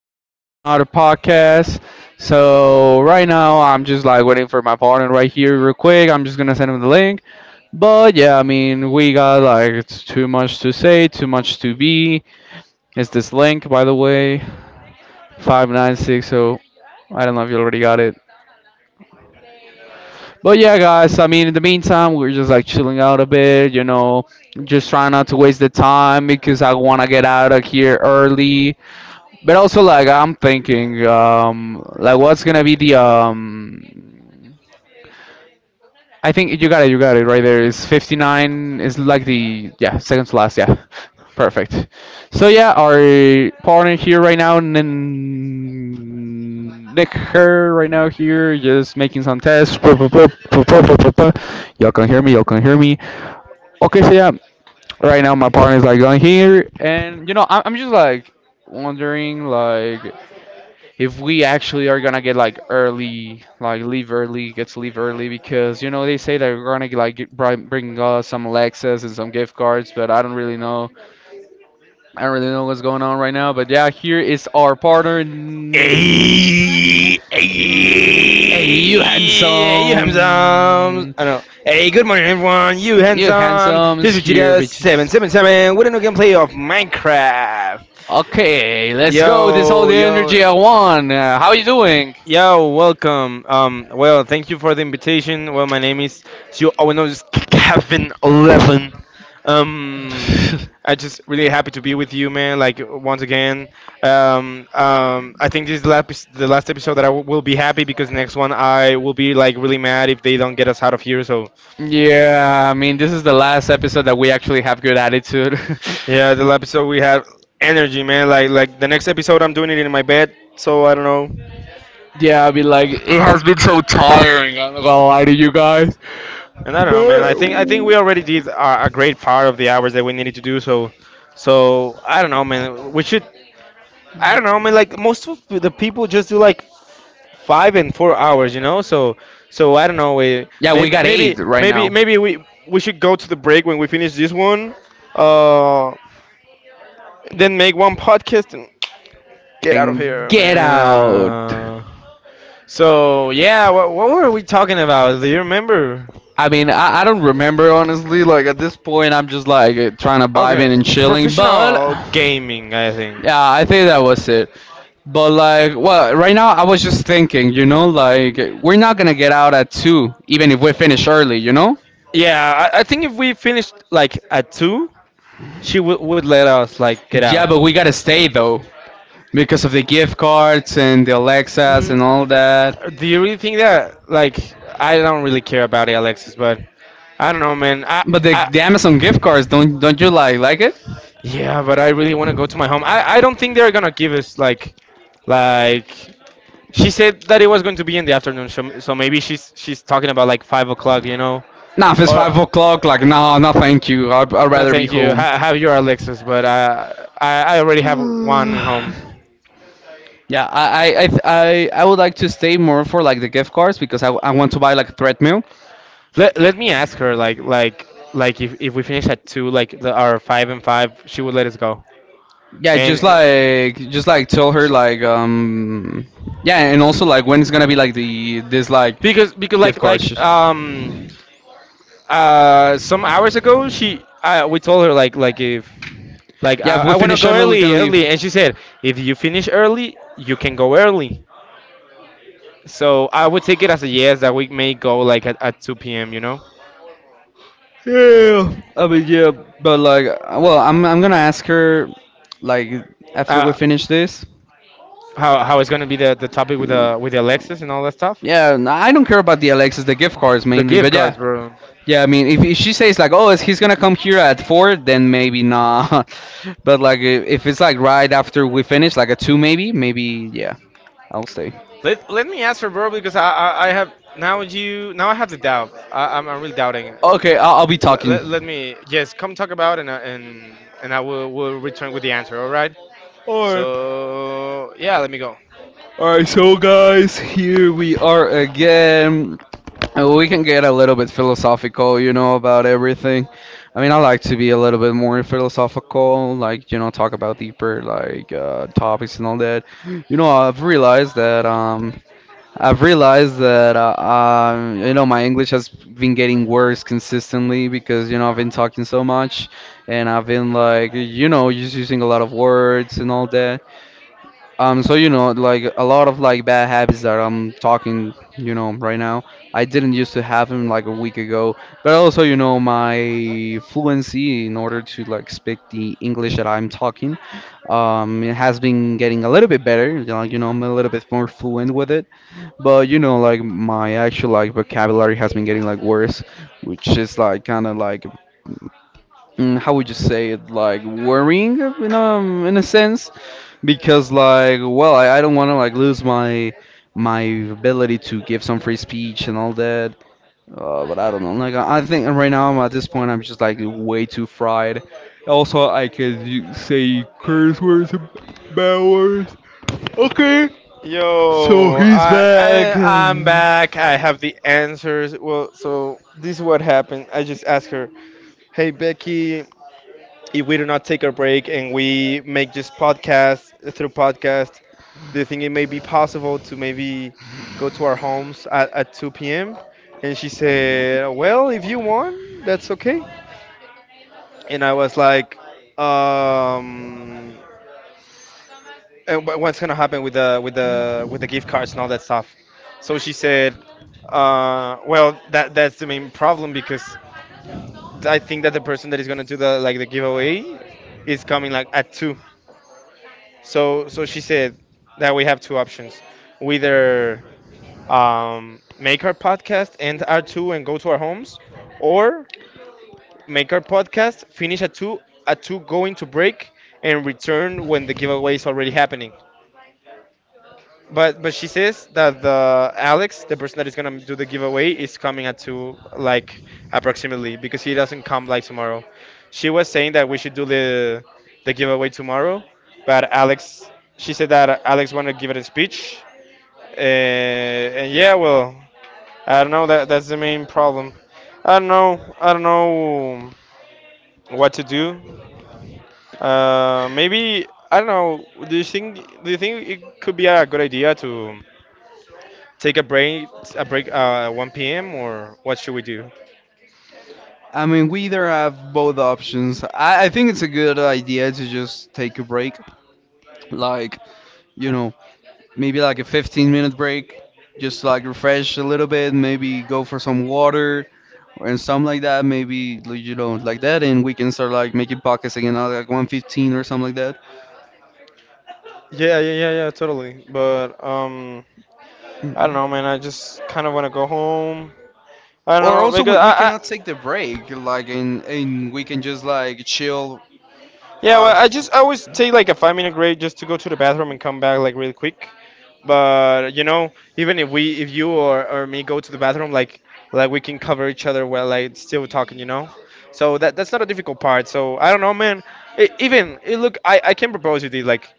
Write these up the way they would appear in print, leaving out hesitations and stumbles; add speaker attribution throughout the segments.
Speaker 1: we're here in another podcast. So right now I'm just like waiting for my partner right here, real quick. I'm just gonna send him the link. But yeah, I mean we got like it's too much to say, too much to be. It's this link, by the way, 596. So I don't know if you already got it. But yeah, guys. I mean in the meantime we're just like chilling out a bit, you know, just trying not to waste the time because I wanna get out of here early. But also, like I'm thinking, like what's gonna be the I think you got it right there. It's 59. It's like the yeah second to last. Yeah, perfect. So yeah, our partner here right now, Nick, her right now here, just making some tests. Y'all can hear me. Y'all can hear me. Okay, so yeah, right now my partner's like going here, and you know I'm just like wondering like if we actually are gonna get like early, like leave early, get to leave early because you know they say that we're gonna like bring us some Alexas and some gift cards, but I don't really know. I don't really know what's going on right now. But yeah, here is our partner. Mm,
Speaker 2: Hey, hey,
Speaker 1: ooh, hey, you
Speaker 2: hey, you handsome.
Speaker 1: handsome.
Speaker 2: I know. Hey, good morning, everyone. You
Speaker 1: You
Speaker 2: handsome.
Speaker 1: handsome
Speaker 2: Here's
Speaker 1: is here,
Speaker 2: Vegeta
Speaker 1: bitches.
Speaker 2: 777 with another gameplay of Minecraft.
Speaker 1: Okay, let's go. This all
Speaker 2: Yo,
Speaker 1: the
Speaker 2: yo.
Speaker 1: energy I want. How you doing?
Speaker 2: Yo, welcome. Well, thank you for the invitation. Well, my name is Sio oh, no, it's Kevin 11. Um, I just really happy to be with you, man. Like once again, I think this is the last episode that will be happy because next one I will be like really mad if they don't get us out of here. So
Speaker 1: Yeah, I mean, this is the last episode that we actually have good attitude.
Speaker 2: yeah, the last episode we had energy, man. Like the next episode I'm doing it in my bed, so I don't know.
Speaker 1: Yeah, I mean, like, it has been so tiring. I'm not gonna lie to you guys.
Speaker 2: And I don't know, man. I
Speaker 1: But.
Speaker 2: think I think we already did a great part of the hours that we needed to do. So I don't know, man. We should. I don't know, man. Like most of the people just do like 5 and 4 hours, you know. So I don't know. We
Speaker 1: Yeah, we
Speaker 2: maybe
Speaker 1: got
Speaker 2: maybe
Speaker 1: eight right
Speaker 2: maybe
Speaker 1: now.
Speaker 2: maybe we should go to the break when we finish this one. Uh, then make one podcast and get out of
Speaker 1: And
Speaker 2: here,
Speaker 1: get out.
Speaker 2: man. So yeah, what were we talking about? Do you remember?
Speaker 1: I mean, I don't remember honestly. Like at this point, I'm just like eh, trying to vibe
Speaker 2: Okay,
Speaker 1: in and chilling. But
Speaker 2: professional gaming, I think.
Speaker 1: yeah, I think that was it. But like, well, right now I was just thinking, you know, like we're not gonna get out at two, even if we finish early, you know.
Speaker 2: Yeah, I think if we finished like at two, she would let us like get out.
Speaker 1: Yeah, but
Speaker 2: Mm,
Speaker 1: we gotta stay though because of the gift cards and the Alexas and all that.
Speaker 2: do you really think that? Like, I don't really care about it, Alexis, but I don't know, man.
Speaker 1: But
Speaker 2: I
Speaker 1: the Amazon gift cards, don't you like it?
Speaker 2: yeah, but I really want to go to my home. I don't think they're gonna give us like she said that it was going to be in the afternoon, so maybe she's talking about like 5 o'clock, you know,
Speaker 1: Nah, if it's five
Speaker 2: or
Speaker 1: o'clock, like no, no, thank you. I'd
Speaker 2: no,
Speaker 1: rather be
Speaker 2: thank you.
Speaker 1: home.
Speaker 2: Have your Alexis, but I already have one at home.
Speaker 1: Yeah, I would like to stay more for like the gift cards because I want to buy like a treadmill.
Speaker 2: Let me ask her like if we finish at two, like the, our five and five, she would let us go,
Speaker 1: Yeah,
Speaker 2: and
Speaker 1: just like tell her like yeah, and also like when it's gonna be like the this like
Speaker 2: because
Speaker 1: gift cards. Just,
Speaker 2: some hours ago she we told her like if like
Speaker 1: yeah, if we
Speaker 2: I want to
Speaker 1: finish
Speaker 2: go
Speaker 1: early, we
Speaker 2: early,
Speaker 1: can leave.
Speaker 2: early, and she said, if you finish early, you can go early. So I would take it as a yes that we may go like at 2 p.m. You know,
Speaker 1: Yeah, I mean yeah, but like well, I'm gonna ask her like after we
Speaker 2: uh,
Speaker 1: finish this.
Speaker 2: how it's gonna be the topic with the Alexis and all that stuff.
Speaker 1: Yeah, I don't care about the Alexis, the gift cards
Speaker 2: The
Speaker 1: mainly,
Speaker 2: gift
Speaker 1: but yeah,
Speaker 2: cards, bro.
Speaker 1: yeah, I mean, if she says like, "Oh, is he's gonna come here at four," then maybe not. But like, if it's like right after we finish, like a two, maybe, maybe, yeah, I'll stay.
Speaker 2: Let me ask her bro, because I have now you now I have the doubt. I'm really doubting it.
Speaker 1: Okay, I'll be talking.
Speaker 2: Let me yes come talk about it and and I will return with the answer. All right.
Speaker 1: Or,
Speaker 2: So yeah, let me go.
Speaker 1: all right, so guys, here we are again. We can get a little bit philosophical, you know, about everything. I mean, I like to be a little bit more philosophical, like, you know, talk about deeper, like, topics and all that. You know, I've realized that you know my English has been getting worse consistently because you know I've been talking so much and I've been like you know just using a lot of words and all that. So you know like a lot of like bad habits that I'm talking you know right now. I didn't used to have them like a week ago, but also you know my fluency in order to like speak the English that I'm talking, it has been getting a little bit better. You know I'm a little bit more fluent with it but you know, like my actual like vocabulary has been getting like worse, which is like kind of like mm, how would you say it? Like worrying in a sense because like well I don't want to like lose my my ability to give some free speech and all that. But I don't know. Like I think right now I'm at this point I'm just like way too fried. Also I could say curse words and bad words. Okay, so
Speaker 2: Yo,
Speaker 1: he's back.
Speaker 2: I'm back. I have the answers. Well, so this is what happened. I just asked her, "Hey Becky, if we do not take a break and we make this podcast through podcast, do you think it may be possible to maybe go to our homes at 2 p.m.? And she said, well, if you want, that's okay. And I was like, um, and what's gonna happen with the with the with the gift cards and all that stuff? So she said, well, that's the main problem because I think that the person that is gonna do the like the giveaway is coming like at two. So so she said that we have two options. We either make our podcast end at two and go to our homes, or make our podcast finish at two going to break and return when the giveaway is already happening. But she says that the Alex, the person that is gonna do the giveaway, is coming at two, like approximately, because he doesn't come like tomorrow. She was saying that we should do the giveaway tomorrow, but Alex, she said that Alex wanted to give it a speech, and yeah, well, I don't know. That's the main problem. I don't know. I don't know what to do. Maybe I don't know. Do you think it could be a good idea to take a break 1 p.m. or what should we do?
Speaker 1: I mean, we either have both options. I think it's a good idea to just take a break, like, you know, maybe like a 15-minute break, just like refresh a little bit, maybe go for some water and something like that, maybe, like, you know, like that, and we can start like making pockets again, like 1:15 or something like that.
Speaker 2: Yeah, totally. But I don't know, man. I just kind of want to go home. I don't
Speaker 1: Or
Speaker 2: know
Speaker 1: also,
Speaker 2: because
Speaker 1: we
Speaker 2: I,
Speaker 1: cannot take the break, like, and we can just
Speaker 2: I
Speaker 1: like chill
Speaker 2: yeah, well,
Speaker 1: of.
Speaker 2: I always take like a 5 minute break just to go to the bathroom and come back like really quick. But you know, even if we, if you or me go to the bathroom, like we can cover each other while like still talking, you know. So that's not a difficult part. So I don't know, man. Even look, I can propose you this. Like,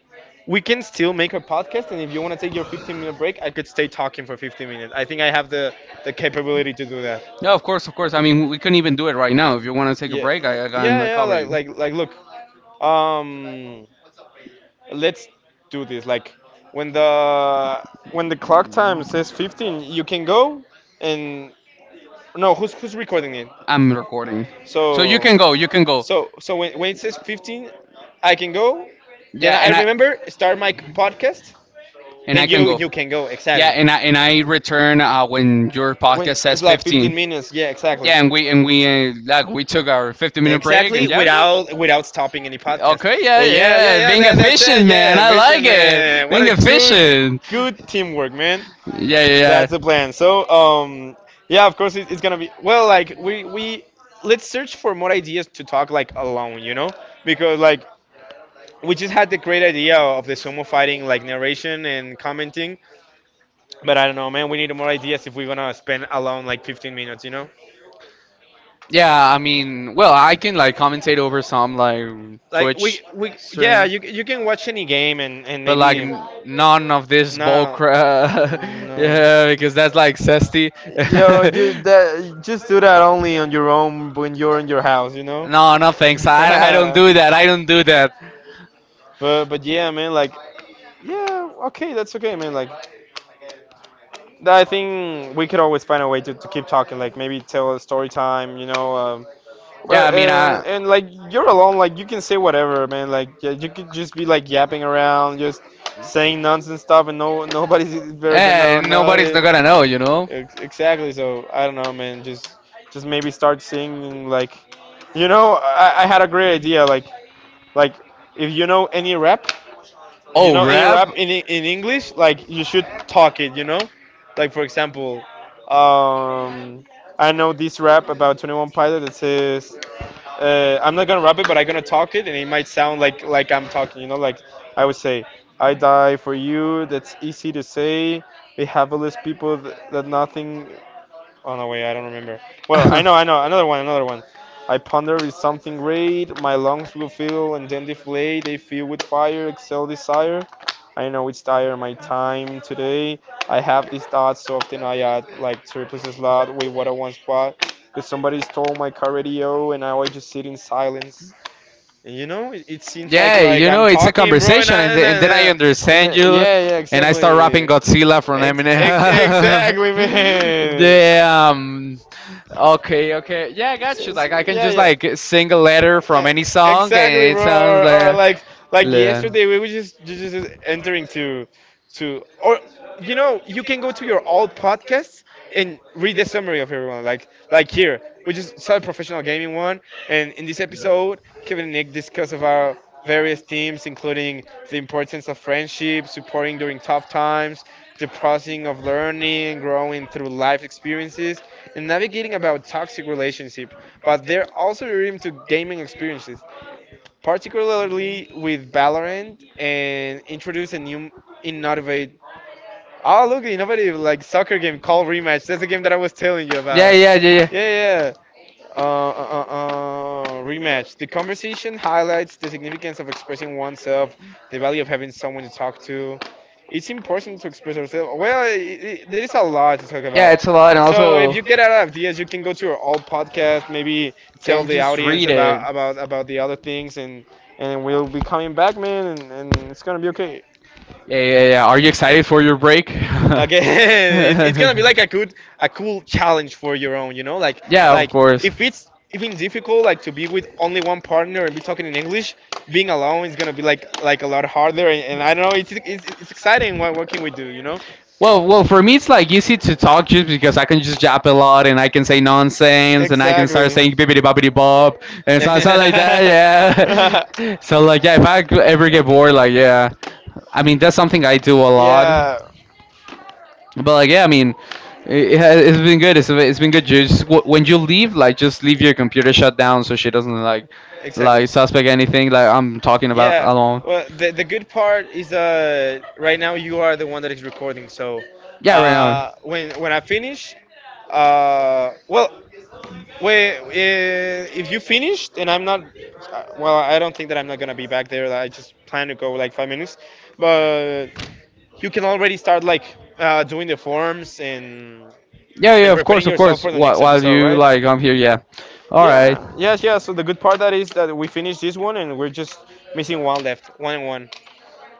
Speaker 2: we can still make a podcast, and if you want to take your 15-minute break, I could stay talking for 15 minutes. I think I have the capability to do that.
Speaker 1: Yeah, of course, of course. I mean, we couldn't even do it right now.
Speaker 2: Yeah,
Speaker 1: If you want to take a break, I can
Speaker 2: Yeah. Look, um, let's do this. Like, when the when the clock time says 15, you can go and no, who's recording it?
Speaker 1: I'm recording.
Speaker 2: So
Speaker 1: Can go, you can
Speaker 2: So,
Speaker 1: go.
Speaker 2: so when it says 15, I can go. Then
Speaker 1: Yeah,
Speaker 2: I remember start my podcast
Speaker 1: and I
Speaker 2: and
Speaker 1: can
Speaker 2: you
Speaker 1: go.
Speaker 2: you can go yeah,
Speaker 1: Yeah,
Speaker 2: exactly.
Speaker 1: and I
Speaker 2: Yeah,
Speaker 1: return when your
Speaker 2: when
Speaker 1: podcast says
Speaker 2: it's like
Speaker 1: 15.
Speaker 2: 15 minutes, yeah, exactly.
Speaker 1: Yeah, and we like we took our 15-minute break
Speaker 2: Exactly,
Speaker 1: and yeah.
Speaker 2: without stopping any podcast.
Speaker 1: Okay, yeah, yeah,
Speaker 2: Yeah.
Speaker 1: being
Speaker 2: That's
Speaker 1: efficient,
Speaker 2: it.
Speaker 1: man.
Speaker 2: Yeah,
Speaker 1: I like
Speaker 2: vision,
Speaker 1: it. Yeah,
Speaker 2: man. What
Speaker 1: being
Speaker 2: a good
Speaker 1: efficient.
Speaker 2: good
Speaker 1: It's
Speaker 2: teamwork, man.
Speaker 1: yeah, yeah,
Speaker 2: That's the plan.
Speaker 1: yeah.
Speaker 2: So, yeah, of course it's gonna be well. Like we let's search for more ideas to talk like alone, you know, because like we just had the great idea of the sumo fighting, like narration and commenting, but I don't know, man. We need more ideas if we're gonna spend alone like 15 minutes, you know?
Speaker 1: Yeah, I mean, well, I can like commentate over some like
Speaker 2: Like we
Speaker 1: Twitch yeah,
Speaker 2: we yeah,
Speaker 1: stream,
Speaker 2: you can watch any game and
Speaker 1: but like
Speaker 2: maybe
Speaker 1: n
Speaker 2: no
Speaker 1: none of this bull
Speaker 2: no.
Speaker 1: crap. Yeah, because that's like zesty.
Speaker 2: Yo, you that just do that only on your own when you're in your house, you know?
Speaker 1: No, no thanks. I don't do that. I don't do that.
Speaker 2: But yeah, man, like yeah, okay, that's okay, man. Like I think we could always find a way to keep talking. Like maybe tell a story time, you know. Well,
Speaker 1: Yeah, I mean, I
Speaker 2: and like you're alone, like you can say whatever, man. Like yeah, you could just be like yapping around, just saying nonsense stuff, and no nobody's ever
Speaker 1: eh,
Speaker 2: gonna
Speaker 1: nobody's not
Speaker 2: notice.
Speaker 1: gonna know, you know.
Speaker 2: Exactly. So I don't know, man. Just maybe start singing like, you know, I had a great idea. Like if you know any rap, if you
Speaker 1: Oh,
Speaker 2: know any
Speaker 1: rap.
Speaker 2: rap in English, like you should talk it. You know, like for example, um, I know this rap about 21 Pilot that says I'm not gonna rap it, but I'm gonna talk it, and it might sound like I'm talking. You know, like I would say, "I die for you." That's easy to say. We have all these people that nothing oh no, wait, I don't remember. Well, I know, I know. Another one, another one. I ponder is something great. My lungs will fill and then deflate. They fill with fire, excel desire. I know it's dire my time today. I have these thoughts so often I add like three places a slot with what I once bought. Cause somebody's stole my car radio and now I just sit in silence. You know, it seems
Speaker 1: Yeah,
Speaker 2: like
Speaker 1: you
Speaker 2: I'm
Speaker 1: know, it's a
Speaker 2: talking, bro,
Speaker 1: conversation, and,
Speaker 2: and,
Speaker 1: and then I
Speaker 2: then, and
Speaker 1: understand you,
Speaker 2: yeah, yeah,
Speaker 1: and I start rapping
Speaker 2: exactly.
Speaker 1: Godzilla from Eminem.
Speaker 2: Exactly, man.
Speaker 1: Damn. Okay, okay. Yeah, I got you. Like, I can
Speaker 2: Yeah,
Speaker 1: just,
Speaker 2: yeah.
Speaker 1: like, sing a letter from
Speaker 2: Yeah,
Speaker 1: any song,
Speaker 2: exactly,
Speaker 1: and it
Speaker 2: bro.
Speaker 1: sounds
Speaker 2: Or
Speaker 1: like.
Speaker 2: like
Speaker 1: Yeah.
Speaker 2: yesterday, we were just just entering to or you know you can go to your all podcasts and read the summary of everyone. Like here, we just saw a professional gaming one, and in this episode, Kevin and Nick discuss of our various themes, including the importance of friendship, supporting during tough times, the process of learning, growing through life experiences, and navigating about toxic relationship. But they're also referring to gaming experiences, particularly with Valorant, and introduce a new innovative. Oh, look, innovative like soccer game called Rematch. That's the game that I was telling you
Speaker 1: Yeah,
Speaker 2: about. Yeah,
Speaker 1: yeah.
Speaker 2: yeah. Uh, uh, uh, rematch. The conversation highlights the significance of expressing oneself, the value of having someone to talk to. It's important to express yourself. Well, I there is a lot to talk about.
Speaker 1: Yeah, lot,
Speaker 2: So if you get out of ideas, you can go to your old podcast. Maybe tell the audience about the other things, and we'll be coming back, man. And it's gonna be okay.
Speaker 1: yeah, yeah, yeah. Are you excited for your break?
Speaker 2: Okay, it's gonna be like a good a cool challenge for your own, you know,
Speaker 1: Yeah, of
Speaker 2: like
Speaker 1: course.
Speaker 2: if it's difficult like to be with only one partner and be talking in English, being alone is gonna be like a lot harder, and, I don't know, it's exciting. What can we do, you know?
Speaker 1: Well, well, for me it's like easy to talk just because I can just jab a lot and I can say nonsense and I can start saying
Speaker 2: Exactly.
Speaker 1: bibbidi bobbidi bob and so so like that. Yeah. So like yeah, if I ever get bored, like yeah, I mean that's something I do a lot.
Speaker 2: yeah.
Speaker 1: But like, yeah, I mean, it it's been good. It's been good. You just when you leave, like, just leave your computer shut down so she doesn't like
Speaker 2: Exactly.
Speaker 1: suspect anything. Like I'm talking about
Speaker 2: Yeah.
Speaker 1: alone.
Speaker 2: Well, the good part is right now you are the one that is recording. So,
Speaker 1: Yeah, right now.
Speaker 2: when I finish, well, wait, if you finished and I'm not, well, I don't think that I'm not gonna be back there. I just plan to go like 5 minutes, but you can already start like doing the forms and
Speaker 1: Yeah, yeah, of
Speaker 2: preparing
Speaker 1: course, of
Speaker 2: yourself
Speaker 1: course.
Speaker 2: for the next
Speaker 1: While
Speaker 2: episode,
Speaker 1: you
Speaker 2: right?
Speaker 1: like, I'm here. Yeah. All right.
Speaker 2: Yeah. Yes. Yeah. So the good part that is that we finished this one and we're just missing one left, one and one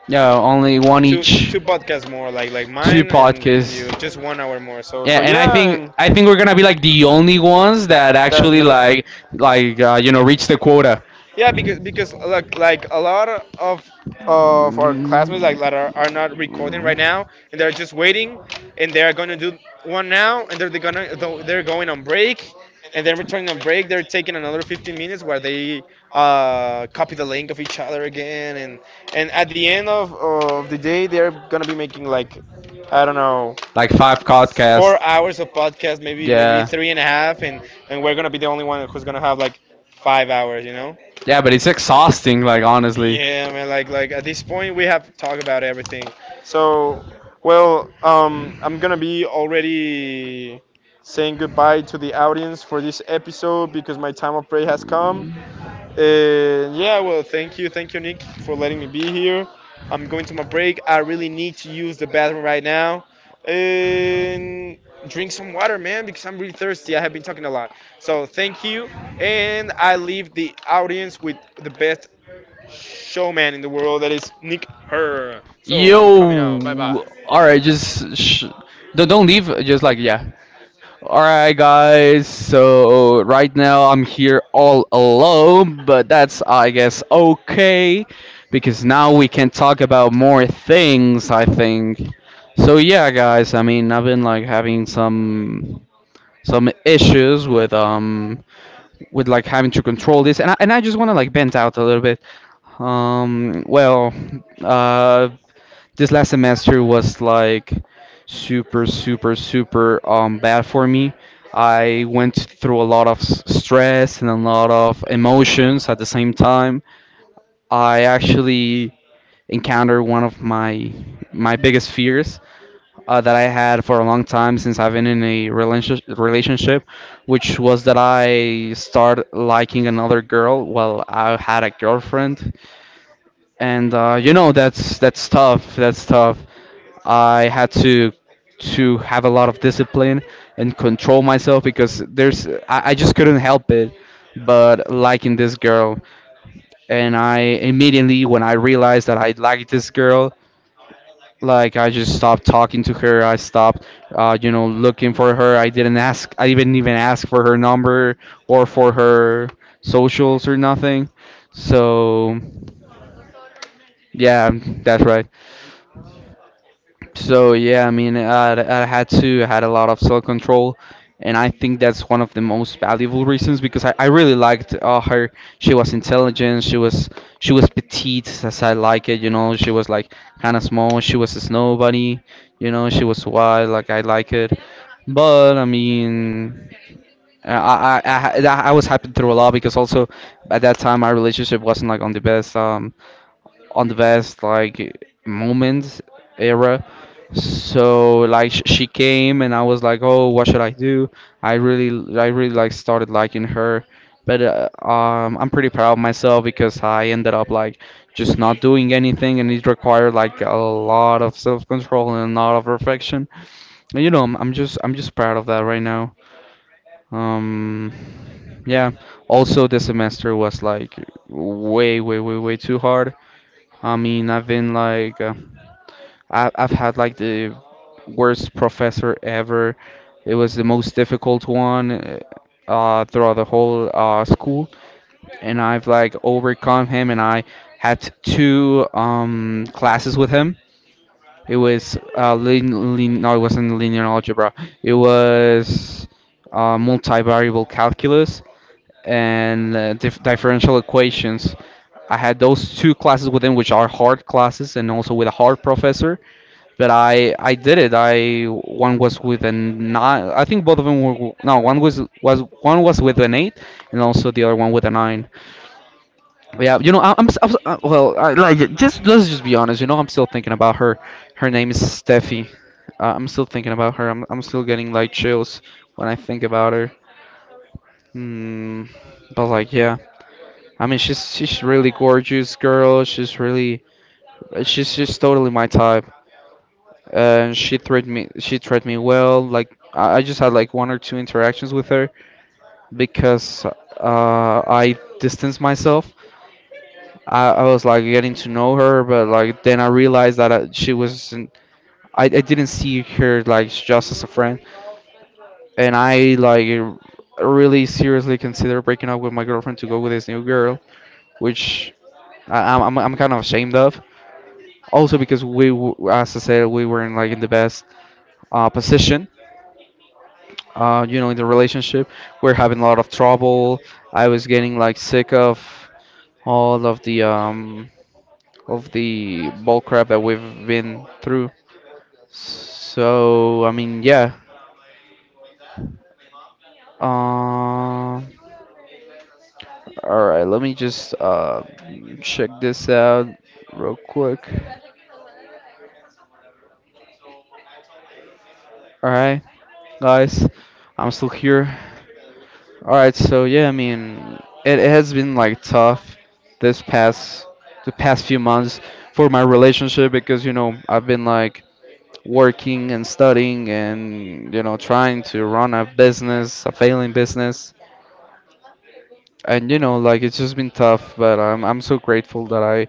Speaker 1: Yeah, only one
Speaker 2: two
Speaker 1: each.
Speaker 2: two podcasts more, like
Speaker 1: Two
Speaker 2: mine and you,
Speaker 1: podcasts.
Speaker 2: just one hour more. So
Speaker 1: Yeah,
Speaker 2: so
Speaker 1: and
Speaker 2: yeah, and
Speaker 1: I think we're gonna be like the only ones that
Speaker 2: that that
Speaker 1: actually
Speaker 2: may
Speaker 1: like you know reach the quota.
Speaker 2: yeah, because
Speaker 1: Mm.
Speaker 2: like a lot of our classmates like that are, not recording right now, and they're just waiting, and they're gonna do one now, and they're gonna they're going on break, and then returning on break, they're taking another 15 minutes where they copy the link of each other again, and at the end of the day, they're gonna be making like I don't know
Speaker 1: Like five podcasts
Speaker 2: 4 hours of podcast, maybe
Speaker 1: yeah.
Speaker 2: three and a half, and we're gonna be the only one who's gonna have like 5 hours, you know.
Speaker 1: Yeah, but it's exhausting, like honestly.
Speaker 2: Yeah, man. Like, at this point, we have talked about everything. So, well, I'm gonna be already saying goodbye to the audience for this episode because my time of prayer has come. And yeah, well, thank you, Nick, for letting me be here. I'm going to my break. I really need to use the bathroom right now. And drink some water, man, because I'm really thirsty. I have been talking a lot. So thank you, and I leave the audience with the best showman in the world that is Nick Her. So I'm coming out. Bye
Speaker 1: Yo,
Speaker 2: bye.
Speaker 1: all right, just sh don't leave. Just like yeah. All right, guys. So right now I'm here all alone, but that's I guess okay because now we can talk about more things. I think. So yeah, guys. I mean, I've been like having some issues with like having to control this and I just want to like vent out a little bit well uh this last semester was like super super super bad for me. I went through a lot of stress and a lot of emotions at the same time. I actually encountered one of my my biggest fears that I had for a long time since I've been in a relationship, relationship, which was that I started liking another girl. Well, I had a girlfriend, and you know that's tough. That's tough. I had to have a lot of discipline and control myself because there's I just couldn't help it, but liking this girl, and I immediately when I realized that I liked this girl, like I just stopped talking to her. I stopped, you know, looking for her. I didn't ask. I didn't even ask for her number or for her socials or nothing. So yeah, that's right. So yeah, I had to I had a lot of self control, and I think that's one of the most valuable reasons because I really liked her. She was intelligent. She was petite as I like it. You know, she was like kind of small. She was a snow bunny. You know, she was wild like I like it. But I mean, I was happy through a lot because also at that time my relationship wasn't like on the best. On the best like moments era. So like she came and I was like, oh, what should I do? I really like started liking her, but I'm pretty proud of myself because I ended up like just not doing anything, and it required like a lot of self-control and a lot of reflection. And, you know, I'm just proud of that right now. Um, yeah. Also, the semester was like way, way, way, way too hard. I mean, I've been like, I've had like the worst professor ever. It was the most difficult one throughout the whole school, and I've like overcome him. And I had two classes with him. It was no, it wasn't linear algebra. It was multivariable calculus and uh, differential equations. I had those two classes within which are hard classes and also with a hard professor. But I did it. I one was with a nine. I think both of them were no. One was one was with an eight, and also the other one with a nine. But yeah, you know I, I'm s- well I, like just let's just be honest. You know I'm still thinking about her. Her name is Steffi. I'm still thinking about her. I'm still getting like chills when I think about her. Mm, but like yeah. I mean, she's really gorgeous girl. She's really she's just totally my type, and she treated me well. Like I just had like one or two interactions with her because I distanced myself. I was like getting to know her, but like then I realized that she wasn't. I didn't see her like just as a friend, and I like really seriously considered breaking up with my girlfriend to go with this new girl, which I, I'm kind of ashamed of. Also because as I said, we weren't like in the best position. You know, in the relationship, we're having a lot of trouble. I was getting like sick of all of the bull crap that we've been through. So I mean, yeah. Um. All right, let me just check this out real quick. All right, guys, I'm still here. All right, so yeah, I mean, it has been like tough this past the past few months for my relationship because you know I've been like working and studying and you know trying to run a business, a failing business, and you know like it's just been tough. But I'm so grateful that I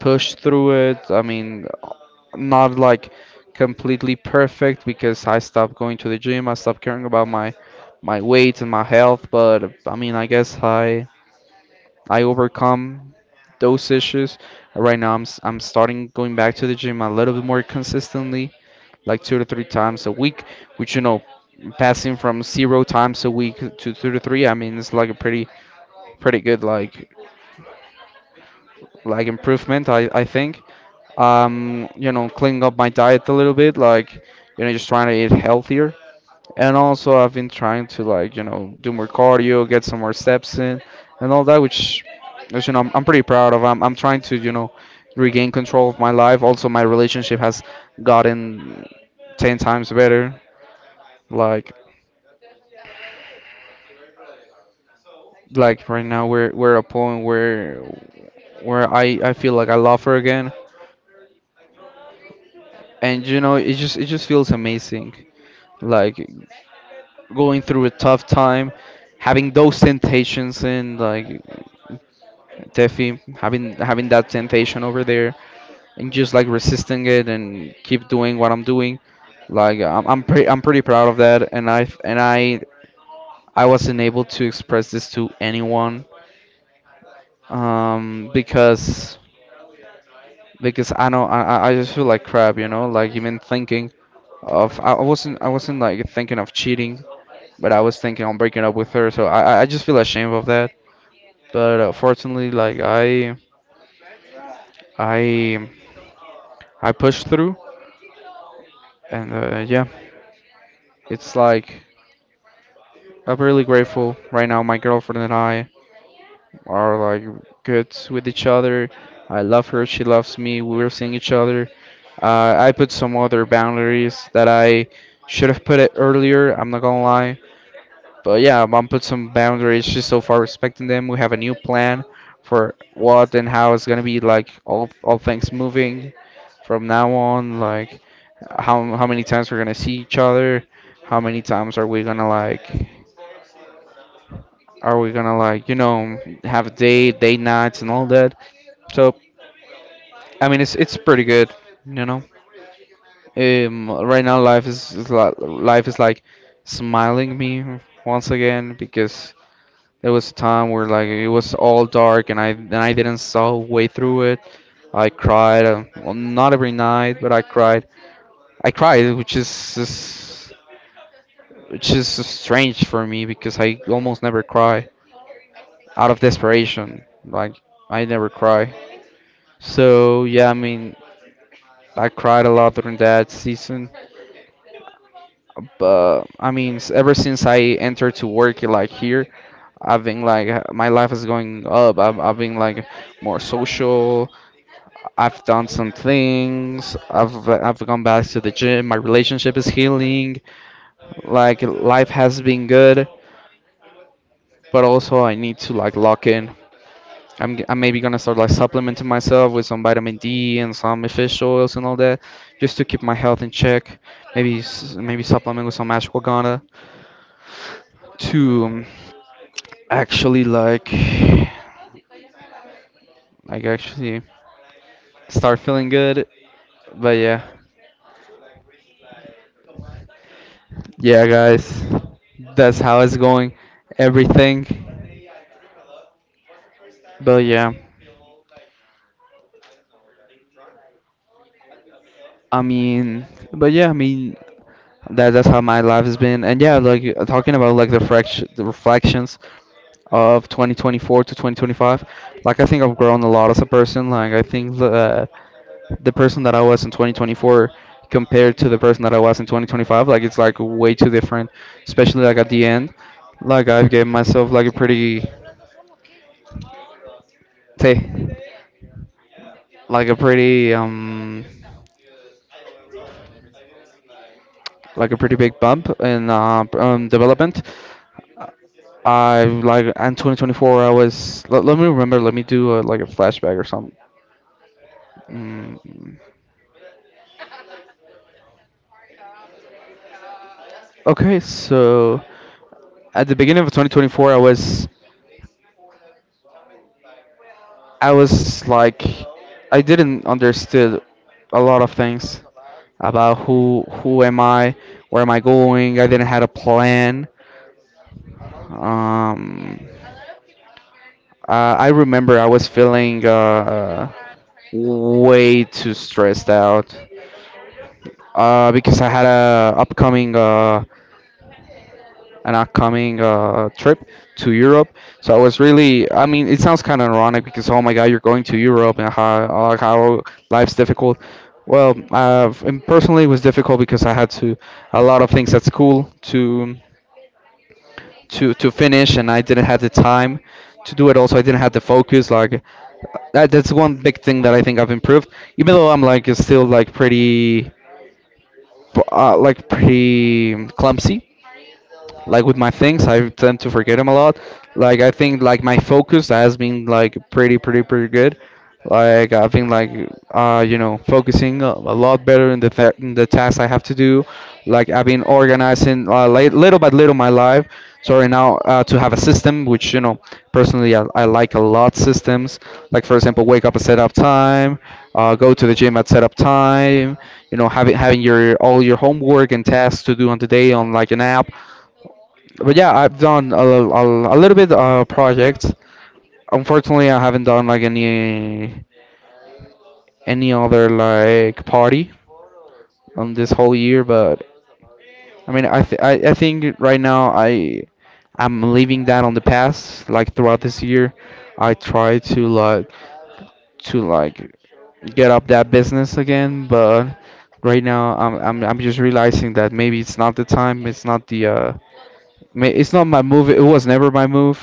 Speaker 1: pushed through it. I mean, not like completely perfect because I stopped going to the gym. I stopped caring about my my weight and my health. But I mean, I guess I overcome those issues. Right now, I'm starting going back to the gym a little bit more consistently, like two to three times a week, which you know, passing from zero times a week to two to three. I mean, it's like a pretty pretty good like improvement. I think. You know, cleaning up my diet a little bit, like you know, just trying to eat healthier. And also, I've been trying to like you know do more cardio, get some more steps in, and all that, which you know I'm pretty proud of. I'm trying to you know regain control of my life. Also, my relationship has gotten ten times better. Like like right now we're at a point where I feel like I love her again, and you know it just feels amazing. Like going through a tough time, having those temptations and like Tefi, having that temptation over there and just like resisting it and keep doing what I'm doing. Like I'm pretty proud of that and I wasn't able to express this to anyone um because because I know I just feel like crap, you know, like even thinking of I wasn't like thinking of cheating, but I was thinking on breaking up with her, so I just feel ashamed of that. But fortunately like I I pushed through and yeah. It's like I'm really grateful right now. My girlfriend and I are like good with each other. I love her. She loves me. We're seeing each other. I put some other boundaries that I should have put it earlier. I'm not gonna lie. But yeah, mom put some boundaries. She's so far respecting them. We have a new plan for what and how it's gonna be like all things moving from now on. Like how many times we're gonna see each other. How many times are we gonna like you know have a day date nights and all that? So I mean it's pretty good, you know. Right now life is like smiling me once again because there was a time where like it was all dark and I didn't saw way through it. I cried, well, not every night, but I cried. I cried, which is strange for me because I almost never cry out of desperation. Like I never cry. So yeah, I mean, I cried a lot during that season. But I mean, ever since I entered to work like here, I've been like my life is going up. I've been like more social. I've done some things. I've gone back to the gym. My relationship is healing. Like life has been good, but also I need to like lock in. I'm maybe gonna start like supplementing myself with some vitamin D and some fish oils and all that, just to keep my health in check. Maybe supplement with some ashwagandha to actually like actually start feeling good. But yeah, yeah, guys, that's how it's going. Everything. But yeah, I mean, but yeah, I mean. That that's how my life has been. And yeah, like talking about like the reflections of 2024 to 2025, like I think I've grown a lot as a person. Like I think the person that I was in 2024 compared to the person that I was in 2025, like it's like way too different, especially like at the end. Like I've given myself like a pretty say like a pretty um like a pretty big bump in development. I like in 2024 I was. Let me remember, let me do like a flashback or something. Mm. Okay, so at the beginning of 2024 I was like I didn't understood a lot of things about who am I, where am I going? I didn't had a plan. Um, uh, I remember I was feeling way too stressed out. Because I had a upcoming an upcoming trip to Europe. So I was really, I mean, it sounds kind of ironic because oh my God, you're going to Europe and how life's difficult. Well, and personally, it was difficult because I had to a lot of things at school to to finish, and I didn't have the time to do it. Also, I didn't have the focus. Like that's one big thing that I think I've improved. Even though I'm like still like pretty clumsy like with my things. I tend to forget them a lot. Like I think like my focus has been like pretty pretty pretty good. Like I've been like you know focusing a lot better in in the tasks I have to do. Like I've been organizing little by little my life. So right now to have a system which you know personally I like a lot systems, like for example, wake up at set up time, go to the gym at set up time, you know having your all your homework and tasks to do on the day on like an app. But yeah, I've done a little bit projects. Unfortunately, I haven't done like any other like party on this whole year. But I mean, I think right now I'm leaving that on the past. Like throughout this year, I try to like get up that business again. But right now, I'm just realizing that maybe it's not the time. It's not it's not my move. It was never my move.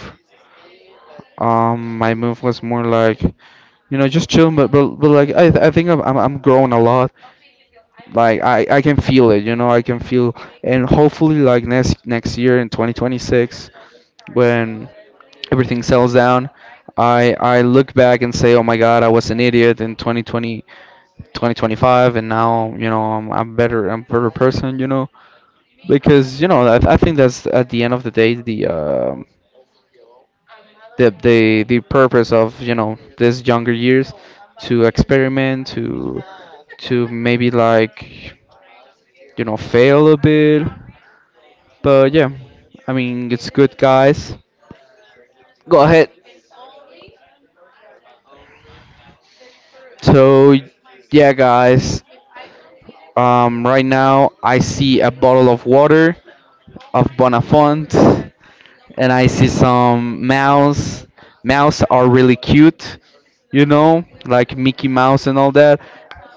Speaker 1: My move was more like, you know, just chill, but but like I think I'm growing a lot. Like I can feel it, you know, I can feel, and hopefully like next next year in 2026 when everything settles down, I look back and say, oh my God, I was an idiot in 2020 2025, and now you know I'm a better person, you know, because you know I think that's at the end of the day the purpose of you know these younger years to experiment to maybe like you know fail a bit. But yeah, I mean, it's good, guys. Go ahead. So yeah, guys, um, right now I see a bottle of water of Bonafont, and I see some mouse. Mouse are really cute, you know, like Mickey Mouse and all that.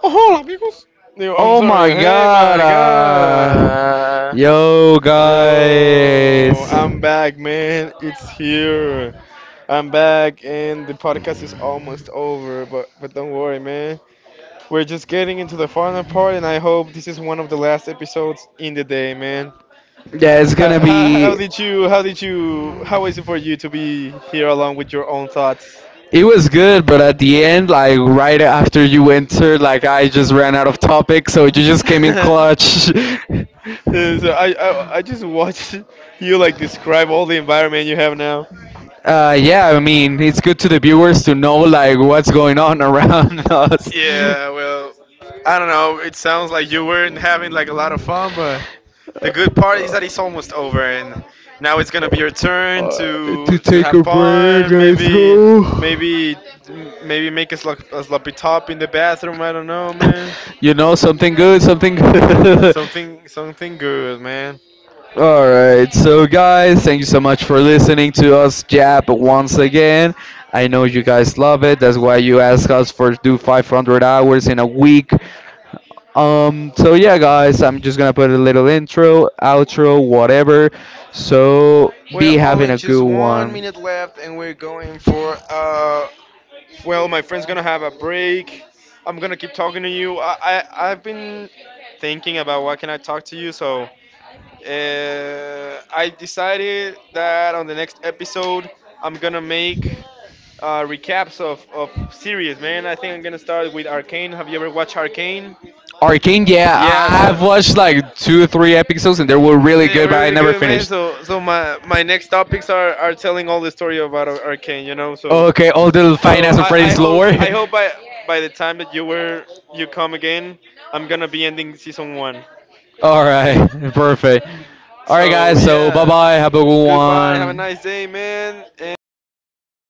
Speaker 2: Oh, hola, amigos. Yo, I'm
Speaker 1: Oh my
Speaker 2: sorry. Hey,
Speaker 1: god!
Speaker 2: my God.
Speaker 1: Yo,
Speaker 2: Yo,
Speaker 1: guys.
Speaker 2: I'm back, man. It's here. I'm back, and the podcast is almost over, but don't worry, man. We're just getting into the final part, and I hope this is one of the last episodes in the day, man.
Speaker 1: Yeah, it's
Speaker 2: How,
Speaker 1: gonna
Speaker 2: how, how
Speaker 1: be.
Speaker 2: did you how was it for you to be here along with your own thoughts?
Speaker 1: It was good, but at the end, like right after you entered, like I just ran out of topic, so you just came in
Speaker 2: Uh,
Speaker 1: clutch.
Speaker 2: so I just watched you like describe all the environment you have now.
Speaker 1: Yeah, I mean, it's good to the viewers to know like what's going on around us.
Speaker 2: Yeah, well, I don't know. It sounds like you weren't having like a lot of fun, but the good part is that it's
Speaker 1: uh,
Speaker 2: almost over, and now it's gonna be your turn
Speaker 1: uh, to
Speaker 2: to
Speaker 1: take
Speaker 2: have
Speaker 1: a break.
Speaker 2: fun.
Speaker 1: Let's go.
Speaker 2: Maybe, maybe make a, a sloppy top in the bathroom. I don't know, man.
Speaker 1: You know, something good, something good.
Speaker 2: Something, good, man.
Speaker 1: All right, so guys, thank you so much for listening to us jab once again. I know you guys love it. That's why you ask us for do 500 hours in a week. So yeah, guys, I'm just gonna put a little intro, outro, whatever. So
Speaker 2: We're
Speaker 1: be having
Speaker 2: only
Speaker 1: a
Speaker 2: just
Speaker 1: good
Speaker 2: one
Speaker 1: one.
Speaker 2: minute left, and we're going for well, my friend's gonna have a break. I'm gonna keep talking to you. I I've been thinking about what can I talk to you. So, I decided that on the next episode, I'm gonna make recaps of series. Man, I think I'm gonna start with Arcane. Have you ever watched Arcane?
Speaker 1: Arcane, yeah,
Speaker 2: Yeah. So
Speaker 1: I've watched like two, three episodes, and they were really
Speaker 2: they
Speaker 1: good,
Speaker 2: were
Speaker 1: but I
Speaker 2: really
Speaker 1: never
Speaker 2: good, man.
Speaker 1: finished.
Speaker 2: So so my next topics are telling all the story about Arcane. You know. So.
Speaker 1: Okay, all the
Speaker 2: So
Speaker 1: finance of
Speaker 2: I
Speaker 1: Freddy's
Speaker 2: hope
Speaker 1: lore.
Speaker 2: by the time that you come again, I'm gonna be ending season one.
Speaker 1: All right, perfect. All right,
Speaker 2: So
Speaker 1: guys. So bye
Speaker 2: yeah,
Speaker 1: bye. Have a good
Speaker 2: goodbye. Have a
Speaker 1: one.
Speaker 2: nice day, man, and